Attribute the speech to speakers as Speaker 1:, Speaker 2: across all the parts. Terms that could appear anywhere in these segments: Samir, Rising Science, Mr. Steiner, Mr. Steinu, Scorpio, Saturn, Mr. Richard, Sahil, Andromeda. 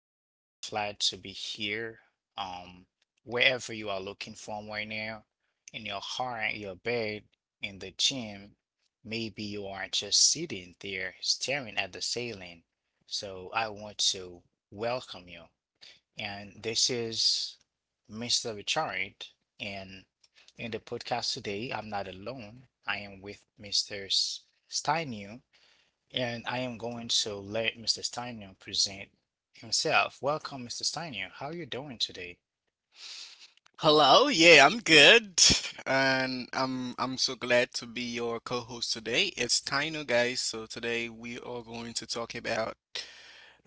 Speaker 1: I am really glad to be here. Um, Wherever you are looking from right now, in your car, in your bed, in the gym, maybe you are just sitting there staring at the ceiling. So I want to welcome you. And this is Mr. Richard. And in the podcast today, I'm not alone. I am with Steinu, and I am going to let Mr. Steiner present himself. Welcome, Mr. Steiner. How are you doing today?
Speaker 2: Hello, yeah, I'm good, and I'm so glad to be your co-host today. It's Taino, guys. So today we are going to talk about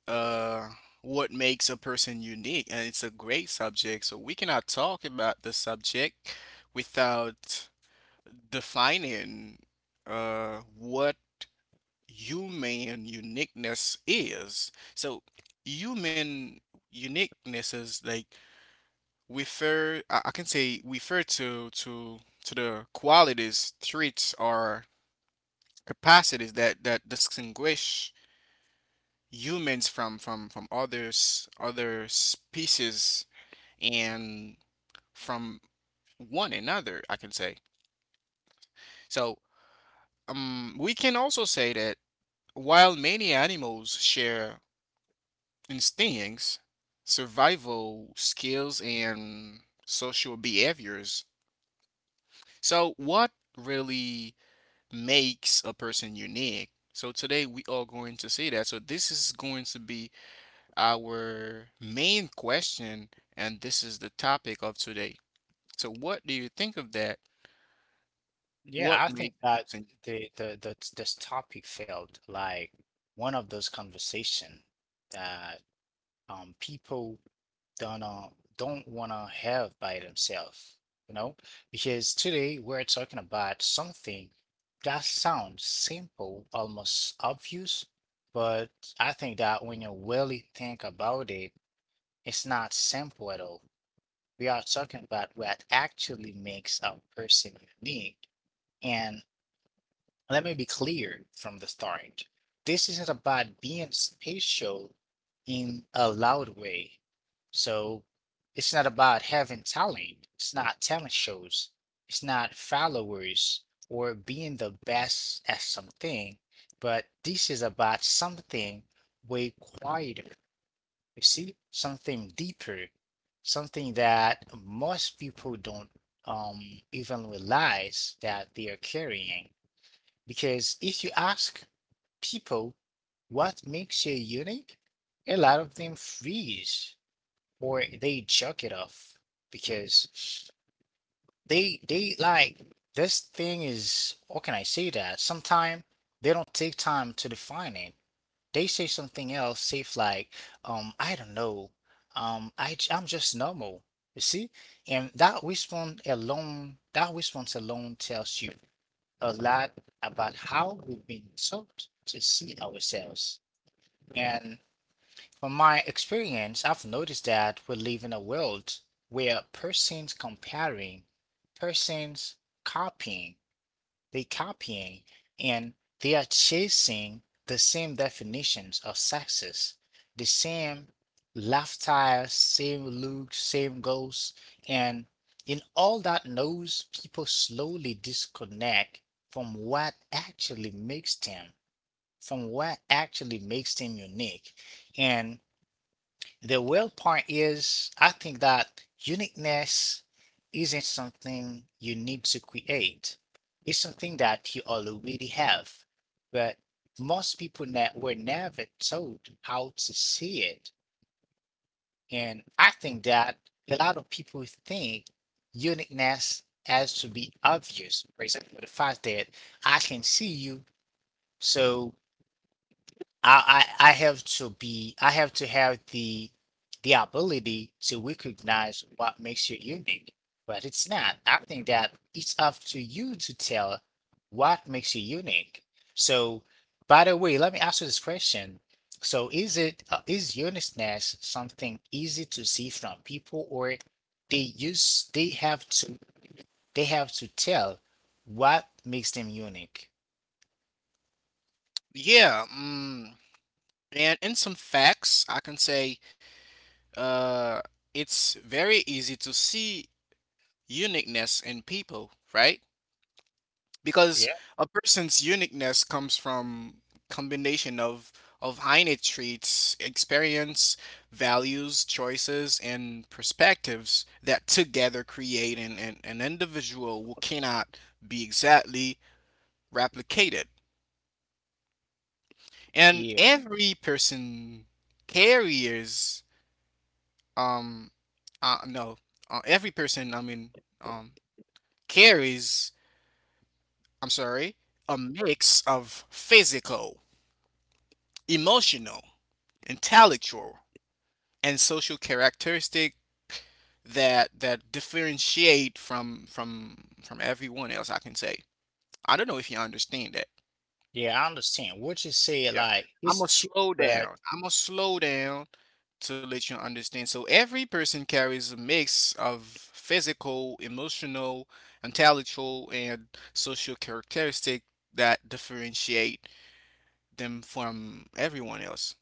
Speaker 2: uh what makes a person unique, and it's a great subject. So we cannot talk about the subject without defining what human uniqueness is. So human uniqueness is like I can say refer to the qualities, traits, or capacities that distinguish humans from other species and from one another, I can say. So we can also say that while many animals share instincts, survival skills, and social behaviors, so what really makes a person unique. So today we are going to see that. So this is going to be our main question, and this is the topic of today. So what do you think of that? What
Speaker 1: Yeah, I think
Speaker 2: makes a
Speaker 1: that
Speaker 2: person?
Speaker 1: the this topic felt like one of those conversation that people don't uh, don't wanna have by themselves, you know? Because today we're talking about something that sounds simple, almost obvious, but I think that when you really think about it, it's not simple at all. We are talking about what actually makes a person unique. And let me be clear from the start. This isn't about being special in a loud way. So it's not about having talent. It's not talent shows. It's not followers or being the best at something. But this is about something way quieter, you see, something deeper, something that most people don't even realize that they are carrying. Because if you ask people what makes you unique, a lot of them freeze or they chuck it off because they like, this thing, is how can I say that? Sometimes they don't take time to define it. They say something else, say like, I don't know, I'm just normal. You see, and that response alone tells you a lot about how we've been taught to see ourselves. And from my experience, I've noticed that we live in a world where persons comparing, persons copying, they're copying, and they are chasing the same definitions of success, the same lifestyle, same look, same goals. And in all that noise, people slowly disconnect from what actually makes them, from what actually makes them unique. And the real point is, I think that uniqueness isn't something you need to create. It's something that you already have. But most people were never told how to see it. And I think that a lot of people think uniqueness has to be obvious. For example, the fact that I can see you, so I have to be I have to have the ability to recognize what makes you unique. But it's not. I think that it's up to you to tell what makes you unique. So, by the way, let me ask you this question. So, is it is uniqueness something easy to see from people, or they have to, they have to tell what makes them unique?
Speaker 2: Yeah, mm, and in some facts, I can say uh, it's very easy to see uniqueness in people, right? Because
Speaker 1: Yeah.
Speaker 2: a person's uniqueness comes from combination of innate traits, experience, values, choices, and perspectives that together create an individual who cannot be exactly replicated. And every person carries um no every person I mean um carries I'm sorry a mix of physical, emotional intellectual and social characteristic that differentiate from everyone else, I can say. I don't know if you understand that.
Speaker 1: Yeah, I understand what you say,
Speaker 2: Yeah,
Speaker 1: like
Speaker 2: i'm
Speaker 1: it's
Speaker 2: gonna
Speaker 1: cheap,
Speaker 2: slow
Speaker 1: but
Speaker 2: down i'm gonna slow down to let you understand. So every person carries a mix of physical, emotional, intellectual and social characteristic that differentiate them from everyone else.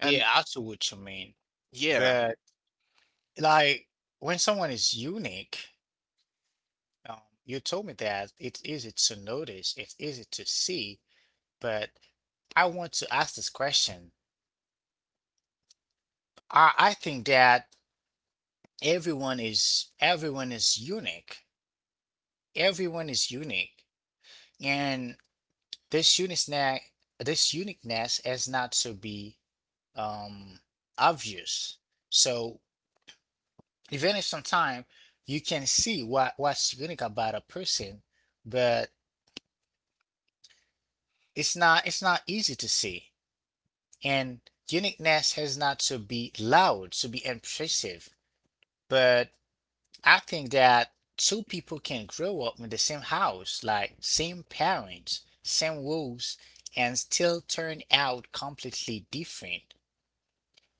Speaker 2: And
Speaker 1: yeah, I see what you mean.
Speaker 2: yeah.
Speaker 1: But like, when someone is unique, um, you told me that it's easy to notice, it's easy to see. But I want to ask this question. I think that everyone is unique. Everyone is unique, and this uniqueness this uniqueness is not to be um obvious. So, even if sometimes you can see what's unique about a person, but it's not easy to see. And uniqueness has not to be loud to be impressive. But I think that two people can grow up in the same house, like same parents, same rules, and still turn out completely different.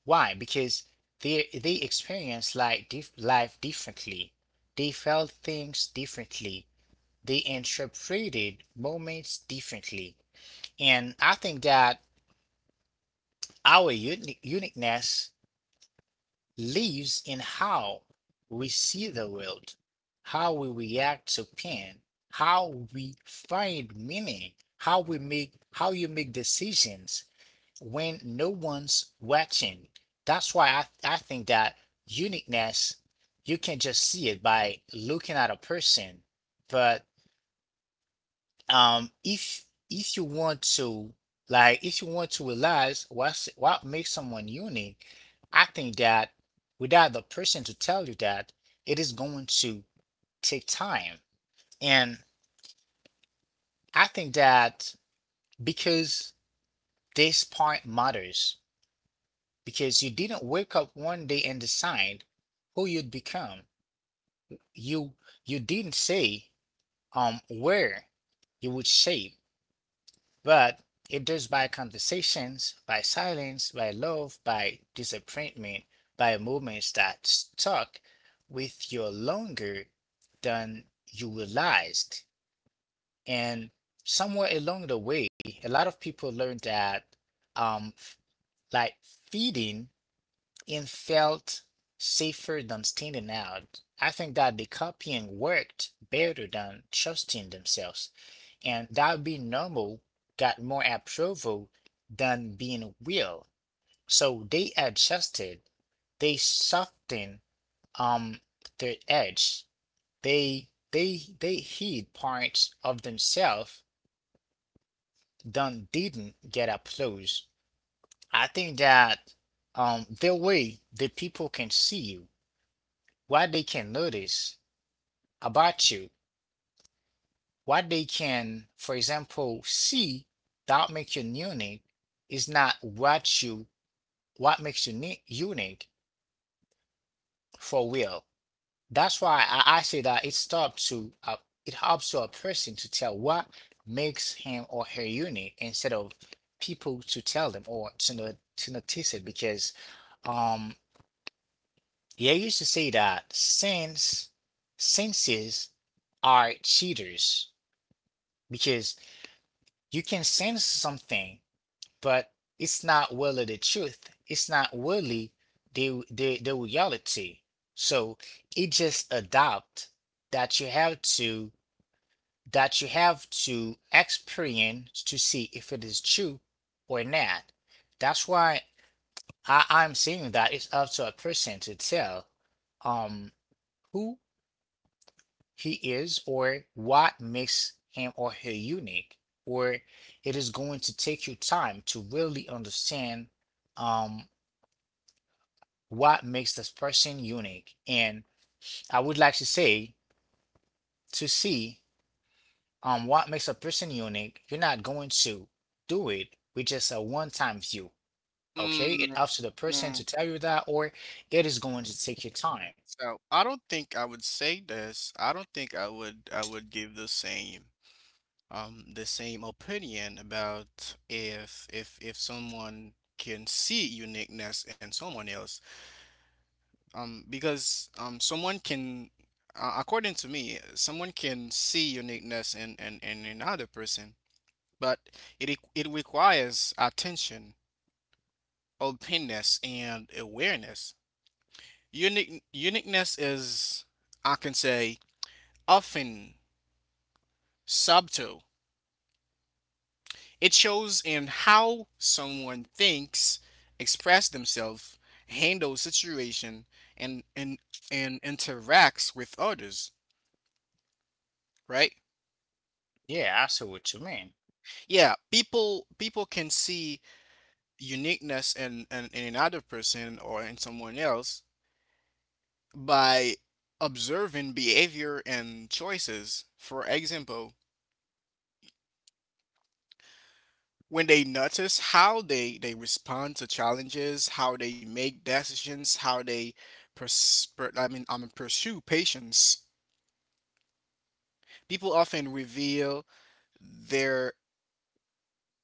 Speaker 1: Why? Because they experience, like, life differently, they felt things differently, they interpreted moments differently. And I think that our uniqueness lives in how we see the world, how we react to pain, how we find meaning, how we make how you make decisions when no one's watching. That's why I think that uniqueness, you can just see it by looking at a person, but um, if you want to like, if you want to realize what makes someone unique, I think that without the person to tell you that, it is going to take time. And I think that, because this part matters, because you didn't wake up one day and decide who you'd become. you you didn't say um, where you would shape. But it does by conversations, by silence, by love, by disappointment, by moments that stuck with you longer than you realized. And somewhere along the way, a lot of people learned that um, like, feeding and felt safer than standing out. I think that the copying worked better than trusting themselves, and that being normal got more approval than being real. So they adjusted, they softened um their edge. They hid parts of themselves that didn't get applause. I think that um, the way the people can see you, what they can notice about you, what they can, for example, see that make you unique, is not what makes you unique for real. That's why I say that it's up to it helps to a person to tell what makes him or her unique, instead of people to tell them or to not, to notice it. Because um, yeah, I used to say that senses are cheaters, because you can sense something, but it's not really the truth. It's not really the reality. So it just adopt that you have to experience to see if it is true or not. That's why I'm saying that it's up to a person to tell um, who he is, or what makes him or her unique. Or it is going to take you time to really understand um, what makes this person unique. And I would like to say, to see um, what makes a person unique, you're not going to do it with just a one-time view. Okay? It's
Speaker 2: Mm.
Speaker 1: up to the person to
Speaker 2: Mm.
Speaker 1: tell you that, or it is going to take your time.
Speaker 2: So I don't think I would say this. I don't think I would give the same opinion about if if someone can see uniqueness in someone else. Because someone can according to me, someone can see uniqueness in another person, but it requires attention, openness and awareness. Uniqueness is, I can say, often subtle. It shows in how someone thinks, express themselves, handle situation, and and interacts with others. Right?
Speaker 1: Yeah, I see what you mean.
Speaker 2: Yeah, people can see uniqueness in another person or in someone else by observing behavior and choices. For example, when they notice how they respond to challenges, how they make decisions, how they pursue patience, people often reveal their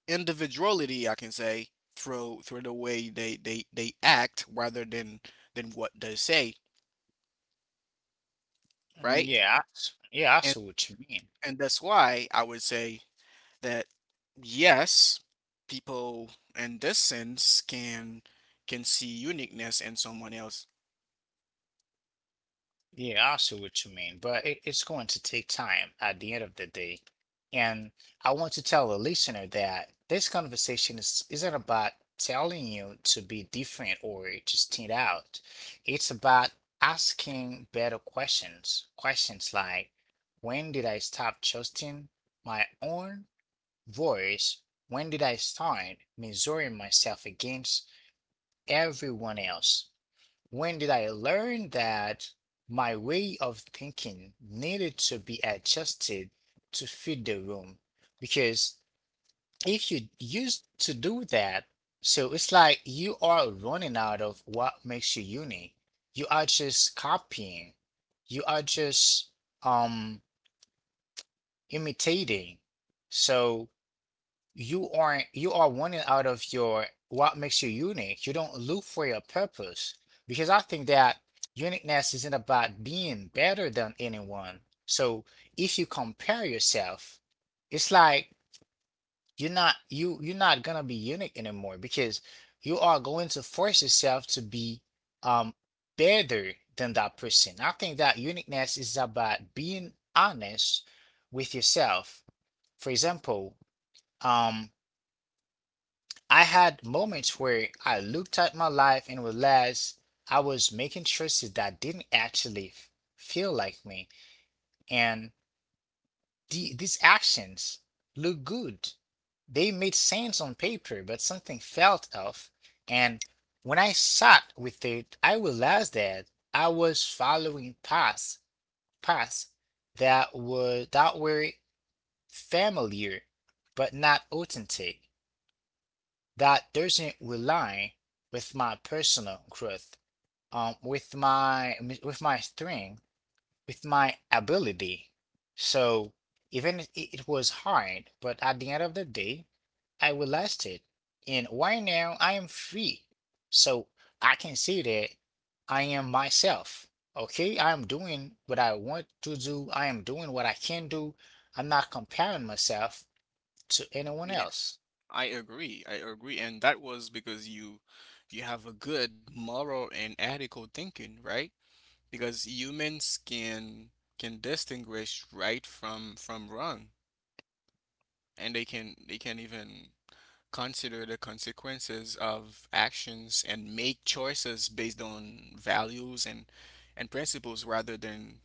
Speaker 2: individuality, I can say, through the way they act rather than what they say,
Speaker 1: Mm,
Speaker 2: right?
Speaker 1: yeah, I- yeah, I
Speaker 2: And
Speaker 1: see what you mean.
Speaker 2: and that's why I would say that yes, people in this sense can see uniqueness in someone else.
Speaker 1: Yeah, I see what you mean, but it's going to take time at the end of the day. And I want to tell a listener that this conversation isn't about telling you to be different or to stand out. It's about asking better questions. Questions like, when did I stop trusting my own voice? When did I start measuring myself against everyone else? When did I learn that my way of thinking needed to be adjusted to fit the room? Because if you used to do that, so it's like you are running out of what makes you unique. You are just copying. You are just um imitating. So you aren't you are wanting out of your what makes you unique. You don't look for your purpose, because I think that uniqueness isn't about being better than anyone. So if you compare yourself, it's like you're not gonna be unique anymore, because you are going to force yourself to be um better than that person. I think that uniqueness is about being honest with yourself. For example, um, I had moments where I looked at my life and realized I was making choices that didn't actually feel like me. And these actions looked good. They made sense on paper, but something felt off. And when I sat with it, I realized that I was following paths, paths that were familiar but not authentic. That doesn't rely with my personal growth, with my strength, with my ability. So even if it was hard, but at the end of the day, I will last it. And right now, I am free, so I can say that I am myself. Okay, I am doing what I want to do. I am doing what I can do. I'm not comparing myself to anyone else.
Speaker 2: I agree. I agree. And that was because you have a good moral and ethical thinking, right? Because humans can distinguish right from wrong, and they can even consider the consequences of actions and make choices based on values and principles rather than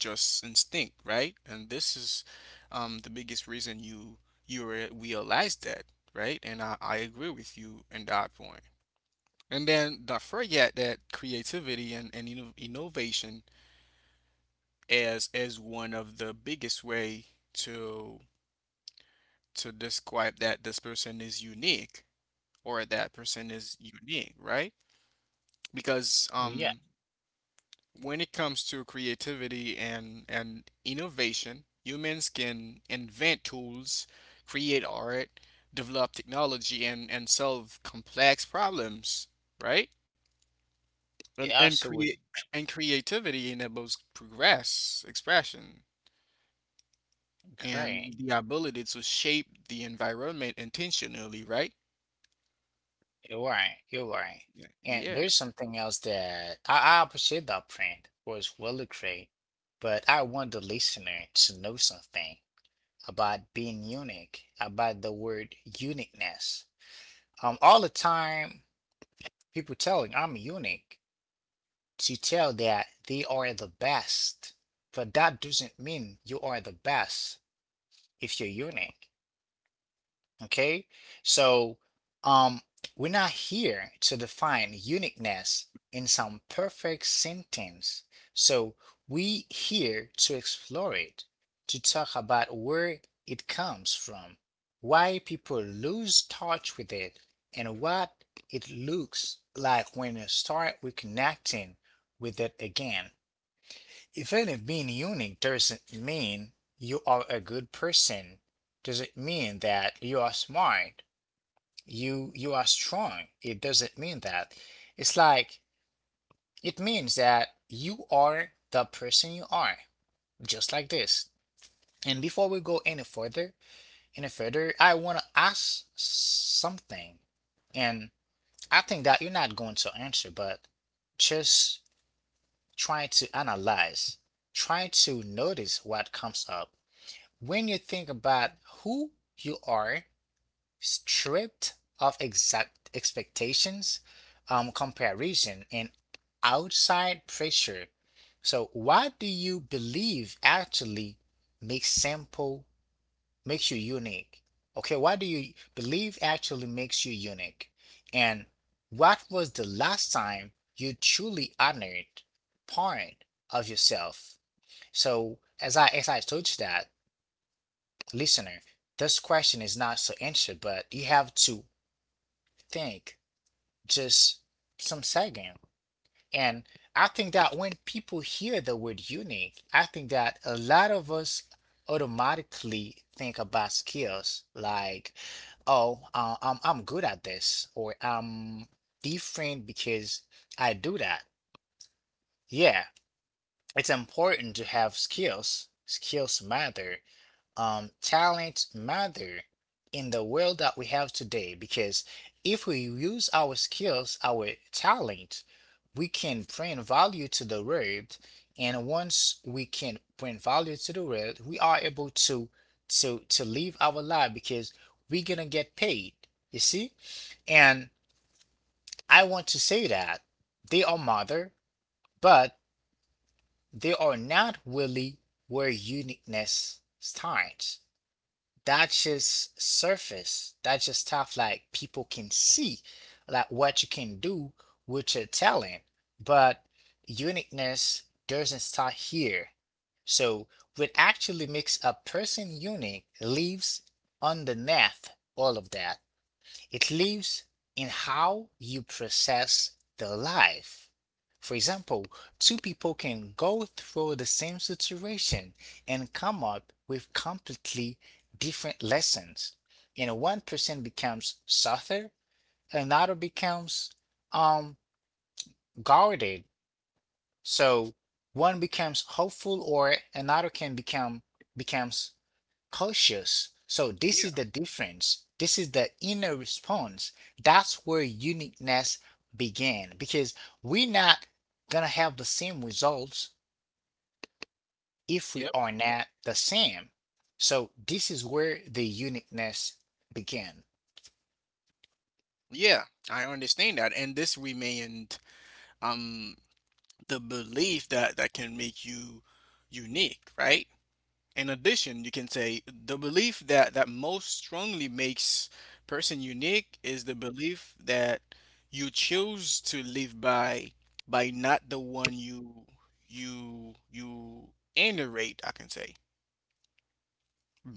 Speaker 2: just instinct, right? And this is, the biggest reason you realize that, right? And I agree with you in that point. And then don't forget that creativity and innovation as one of the biggest way to to describe that this person is unique or that person is unique, right? Because
Speaker 1: But yeah,
Speaker 2: when it comes to creativity and innovation, humans can invent tools, create art, develop technology, and solve complex problems, right?
Speaker 1: yeah,
Speaker 2: And
Speaker 1: so
Speaker 2: create
Speaker 1: it's
Speaker 2: and creativity enables progress, expression,
Speaker 1: great.
Speaker 2: and the ability to shape the environment intentionally, right?
Speaker 1: You're right. You're right.
Speaker 2: Yeah.
Speaker 1: And
Speaker 2: Yeah.
Speaker 1: there's something else that I appreciate that print was really great, but I want the listener to know something about being unique, about the word uniqueness. All the time, people telling I'm unique to tell that they are the best, but that doesn't mean you are the best if you're unique. Okay? So, um, we're not here to define uniqueness in some perfect sentence. So, we here to explore it, to talk about where it comes from, why people lose touch with it, and what it looks like when you start reconnecting with it again. Even if being unique doesn't mean you are a good person, doesn't mean that you are smart you are strong, it doesn't mean that it's like, it means that you are the person you are just like this. And before we go any further I want to ask something. And I think that you're not going to answer, but just try to analyze, try to notice what comes up when you think about who you are stripped of exact expectations, comparison, and outside pressure. So, what do you believe actually makes sample makes you unique? Okay, what do you believe actually makes you unique? And what was the last time you truly honored part of yourself? So, as I told you that, listener, this question is not so answered, but you have to think just some second. And I think that when people hear the word unique, I think that a lot of us automatically think about skills like, oh, I'm good at this, or I'm different because I do that. Yeah, it's important to have skills. Skills matter, talent matter in the world that we have today, because if we use our skills, our talent, we can bring value to the world. And once we can bring value to the world, we are able to to live our life because we're gonna get paid. You see? And I want to say that they are mother, but they are not really where uniqueness starts. That's just surface. That's just stuff like people can see, like what you can do with your talent. But uniqueness doesn't start here. So what actually makes a person unique lives underneath all of that. It lives in how you process the life. For example, two people can go through the same situation and come up with completely different lessons. And one person becomes softer, another becomes um guarded. So one becomes hopeful or another can become becomes cautious. So this
Speaker 2: Yeah.
Speaker 1: is the difference. This is the inner response. That's where uniqueness began, because we're not gonna have the same results if we
Speaker 2: Yep.
Speaker 1: are not the same. So this is where the uniqueness began.
Speaker 2: Yeah, I understand that. And this remained um the belief that can make you unique, right? In addition, you can say the belief that most strongly makes person unique is the belief that you choose to live by not the one you narrate, I can say.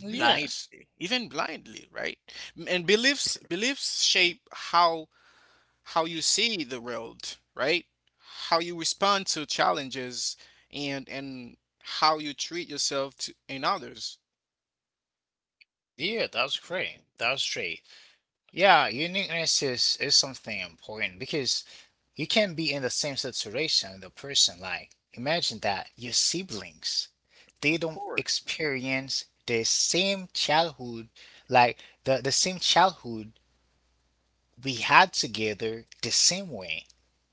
Speaker 1: Yes.
Speaker 2: even blindly, right? And beliefs shape how you see the world, right? How you respond to challenges and how you treat yourself to and others.
Speaker 1: Yeah, that's great. That's great. Yeah, uniqueness is something important because you can be in the same situation. The person, like, imagine that your siblings, they
Speaker 2: Of
Speaker 1: don't
Speaker 2: course.
Speaker 1: experience the same childhood like the same childhood we had together the same way.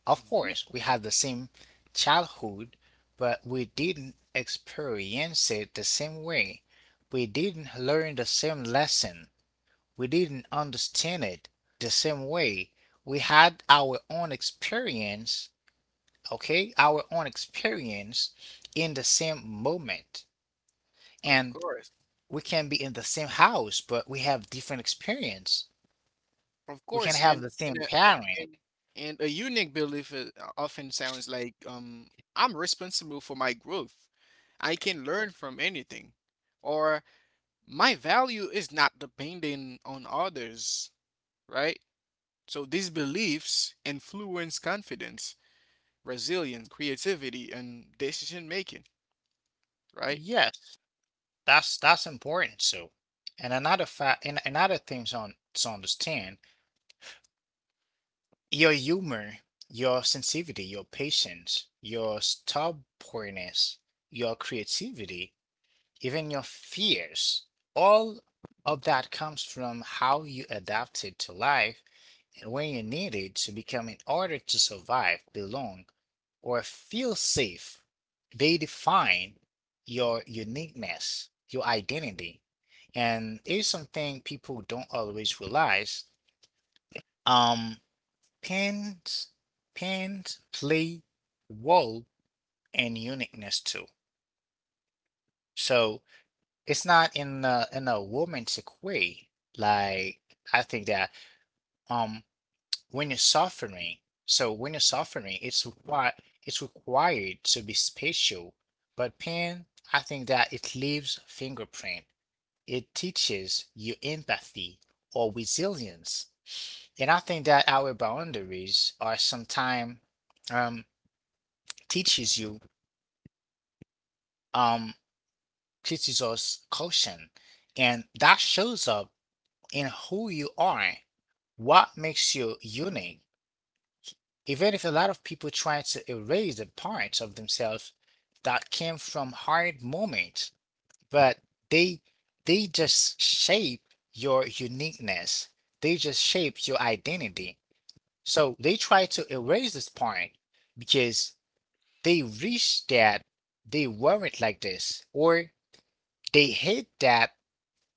Speaker 1: Of
Speaker 2: Mhm.
Speaker 1: course we had the same childhood, but we didn't experience it the same way. We didn't learn the same lesson. We didn't understand it the same way. We had our own experience, okay, our own experience in the same moment.
Speaker 2: Of
Speaker 1: And
Speaker 2: course.
Speaker 1: we can be in the same house, but we have different experience.
Speaker 2: Of
Speaker 1: We can
Speaker 2: course,
Speaker 1: have
Speaker 2: and
Speaker 1: the same parent.
Speaker 2: and a unique belief is often sounds like I'm responsible for my growth. I can learn from anything, or my value is not dependent on others, right? So these beliefs influence confidence, resilience, creativity, and decision making, right?
Speaker 1: Yes, that's important. So, and another fact, and another thing on to understand, your humor, your sensitivity, your patience, your stubbornness, your creativity, even your fears, all of that comes from how you adapted to life and when you need it to become in order to survive, belong, or feel safe. They define your uniqueness, your identity. And here's something people don't always realize. Um, pens, pens play role in uniqueness too. So it's not in a, in a romantic way. Like I think that um Winesophony. So winesophony, it's required. It's required to be special, but pen, I think that it leaves fingerprint. It teaches you empathy or resilience, and I think that our boundaries are sometimes, um, teaches you, um, teaches us caution, and that shows up in who you are, what makes you unique, even if a lot of people try to erase the parts of themselves that came from hard moments. But they they just shape your uniqueness, they just shape your identity. So they try to erase this part because they wish that they weren't like this, or they hate that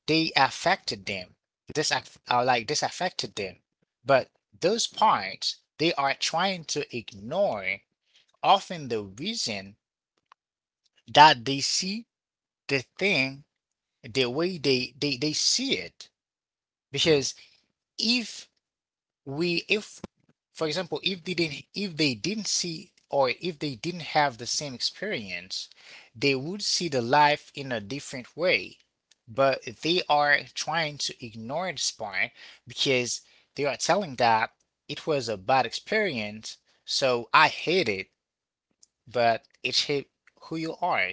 Speaker 1: they affected them, like this affected them. But those parts they are trying to ignore, often the reason that they see the thing the way they see it. Because if if for example, if they didn't see, or if they didn't have the same experience, they would see the life in a different way. But they are trying to ignore this part because they are telling that it was a bad experience, so I hate it. But it's who you are.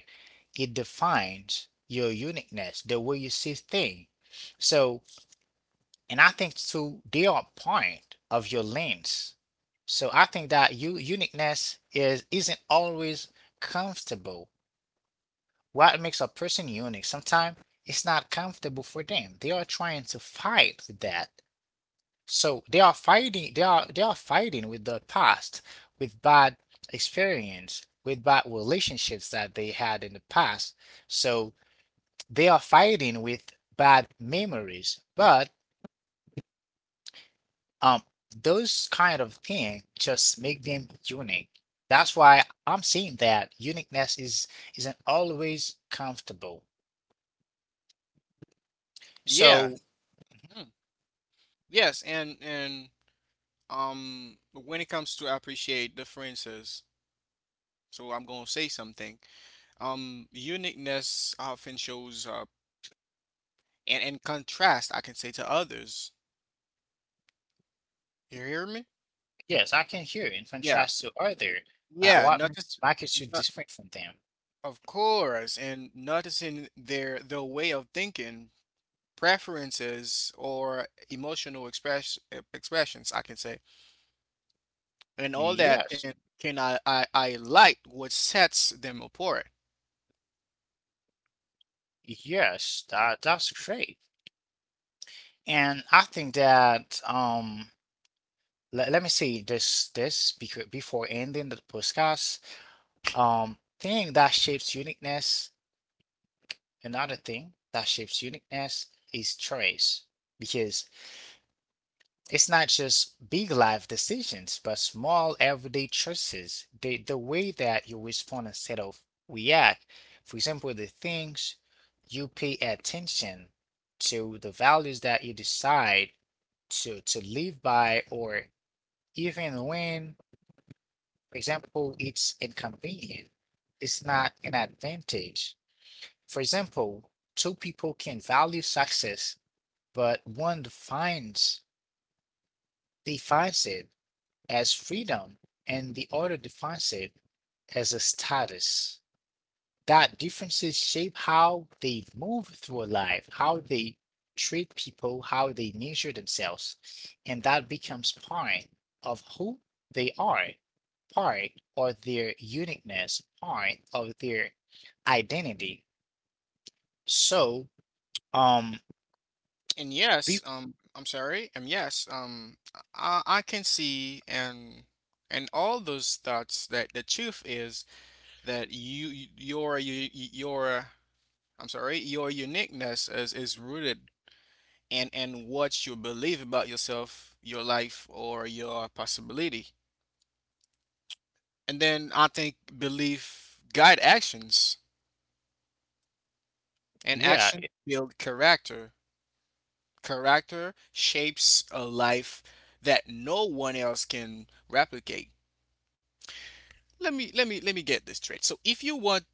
Speaker 1: It defines your uniqueness, the way you see things. So, and I think to their point of your lens. So I think that you uniqueness is, isn't always comfortable. What makes a person unique? Sometimes it's not comfortable for them. They are trying to fight with that. So they are fighting, they are fighting with the past, with bad experience, with bad relationships that they had in the past. So they are fighting with bad memories. But um those kind of thing just make them unique. That's why I'm saying that uniqueness is, isn't always comfortable.
Speaker 2: Yeah.
Speaker 1: So
Speaker 2: Mm. Yes, and when it comes to appreciate differences, so I'm gonna say something. Uniqueness often shows up and contrast, I can say, to others. You hear me?
Speaker 1: yes, I can hear in
Speaker 2: Yeah.
Speaker 1: contrast to other,
Speaker 2: Yeah,
Speaker 1: what makes
Speaker 2: notice,
Speaker 1: makes you
Speaker 2: not,
Speaker 1: different from them.
Speaker 2: of course, and noticing their way of thinking, preferences or emotional expressions, I can say. And all that
Speaker 1: Yes.
Speaker 2: can I like what sets them apart.
Speaker 1: Yes, that that's great. And I think that let me see this because before ending the podcast, thing that shapes uniqueness, another thing that shapes uniqueness is choice. Because it's not just big life decisions, but small everyday choices. The way that you respond instead of react. For example, the things you pay attention to, the values that you decide to live by, or even when, for example, it's inconvenient, it's not an advantage. For example, two people can value success, but one defines it as freedom and the other defines it as a status. That differences shape how they move through life, how they treat people, how they measure themselves, and that becomes part of who they are, part of their uniqueness, part of their identity. So, um,
Speaker 2: And
Speaker 1: be,
Speaker 2: yes, I'm sorry, and yes, I can see and all those thoughts that the truth is that your I'm sorry, your uniqueness is rooted in what you believe about yourself, your life, or your possibility. And then I think belief guide actions and
Speaker 1: yeah.
Speaker 2: action build character, character shapes a life that no one else can replicate. Let me get this straight. So if you want,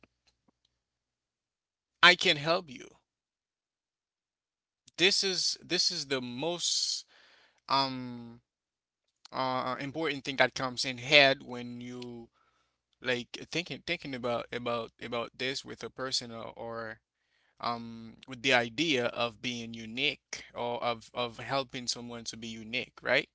Speaker 2: I can help you. This is the most um important thing that comes in head when you like thinking about about this with a person or with the idea of being unique or of helping someone to be unique, right?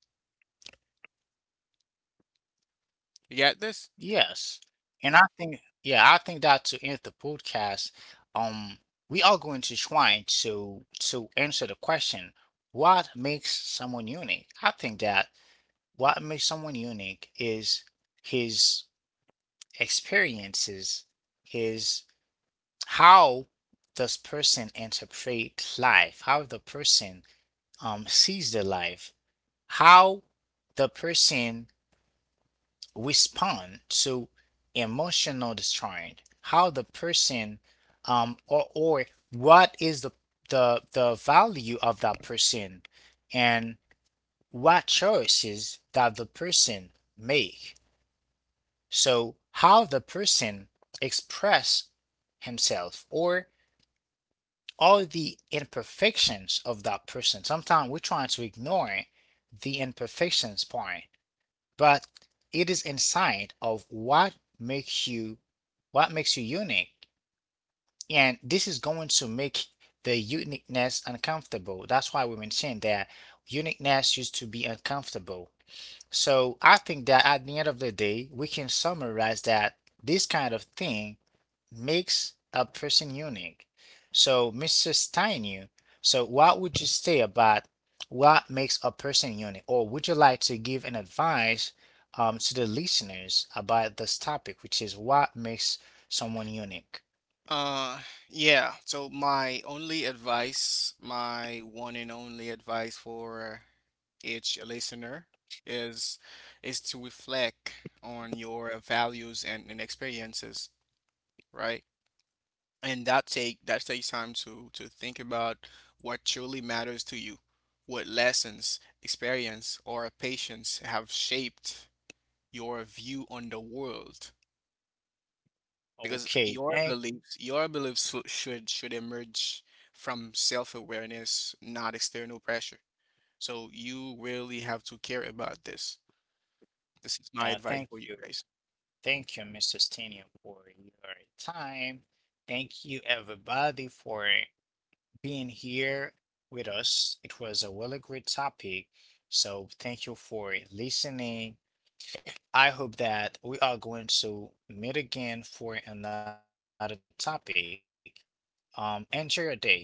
Speaker 2: You got this?
Speaker 1: Yes, and I think I think that to end the podcast, um, we are going to try to answer the question, what makes someone unique? I think that what makes someone unique is his experiences, his, how does person interpret life, how the person sees the life, how the person respond to emotional distress, how the person or what is the value of that person, and what choices that the person make, so how the person express himself, or all the imperfections of that person. Sometimes we're trying to ignore the imperfections part, but it is inside of makes you what makes you unique. And this is going to make the uniqueness uncomfortable. That's why we mentioned that uniqueness used to be uncomfortable. So I think that at the end of the day we can summarize that this kind of thing makes a person unique. So, Mr. Steinu, so what would you say about what makes a person unique? Or would you like to give an advice, to the listeners about this topic, which is what makes someone unique?
Speaker 2: Uh, yeah. So my only advice, my one and only advice for each listener is is to reflect on your values and experiences, right? And that take that takes time to think about what truly matters to you, what lessons, experience, or patience have shaped your view on the world. Because
Speaker 1: Okay,
Speaker 2: your
Speaker 1: thank,
Speaker 2: beliefs, your beliefs should emerge from self-awareness, not external pressure. So you really have to care about this. This is my advice
Speaker 1: thank
Speaker 2: for you
Speaker 1: you.
Speaker 2: guys.
Speaker 1: Thank you, Mr. Steinu, for your time. Thank you, everybody, for being here with us. It was a really great topic. So thank you for listening. I hope that we are going to meet again for another topic. Enjoy your day. Bye bye.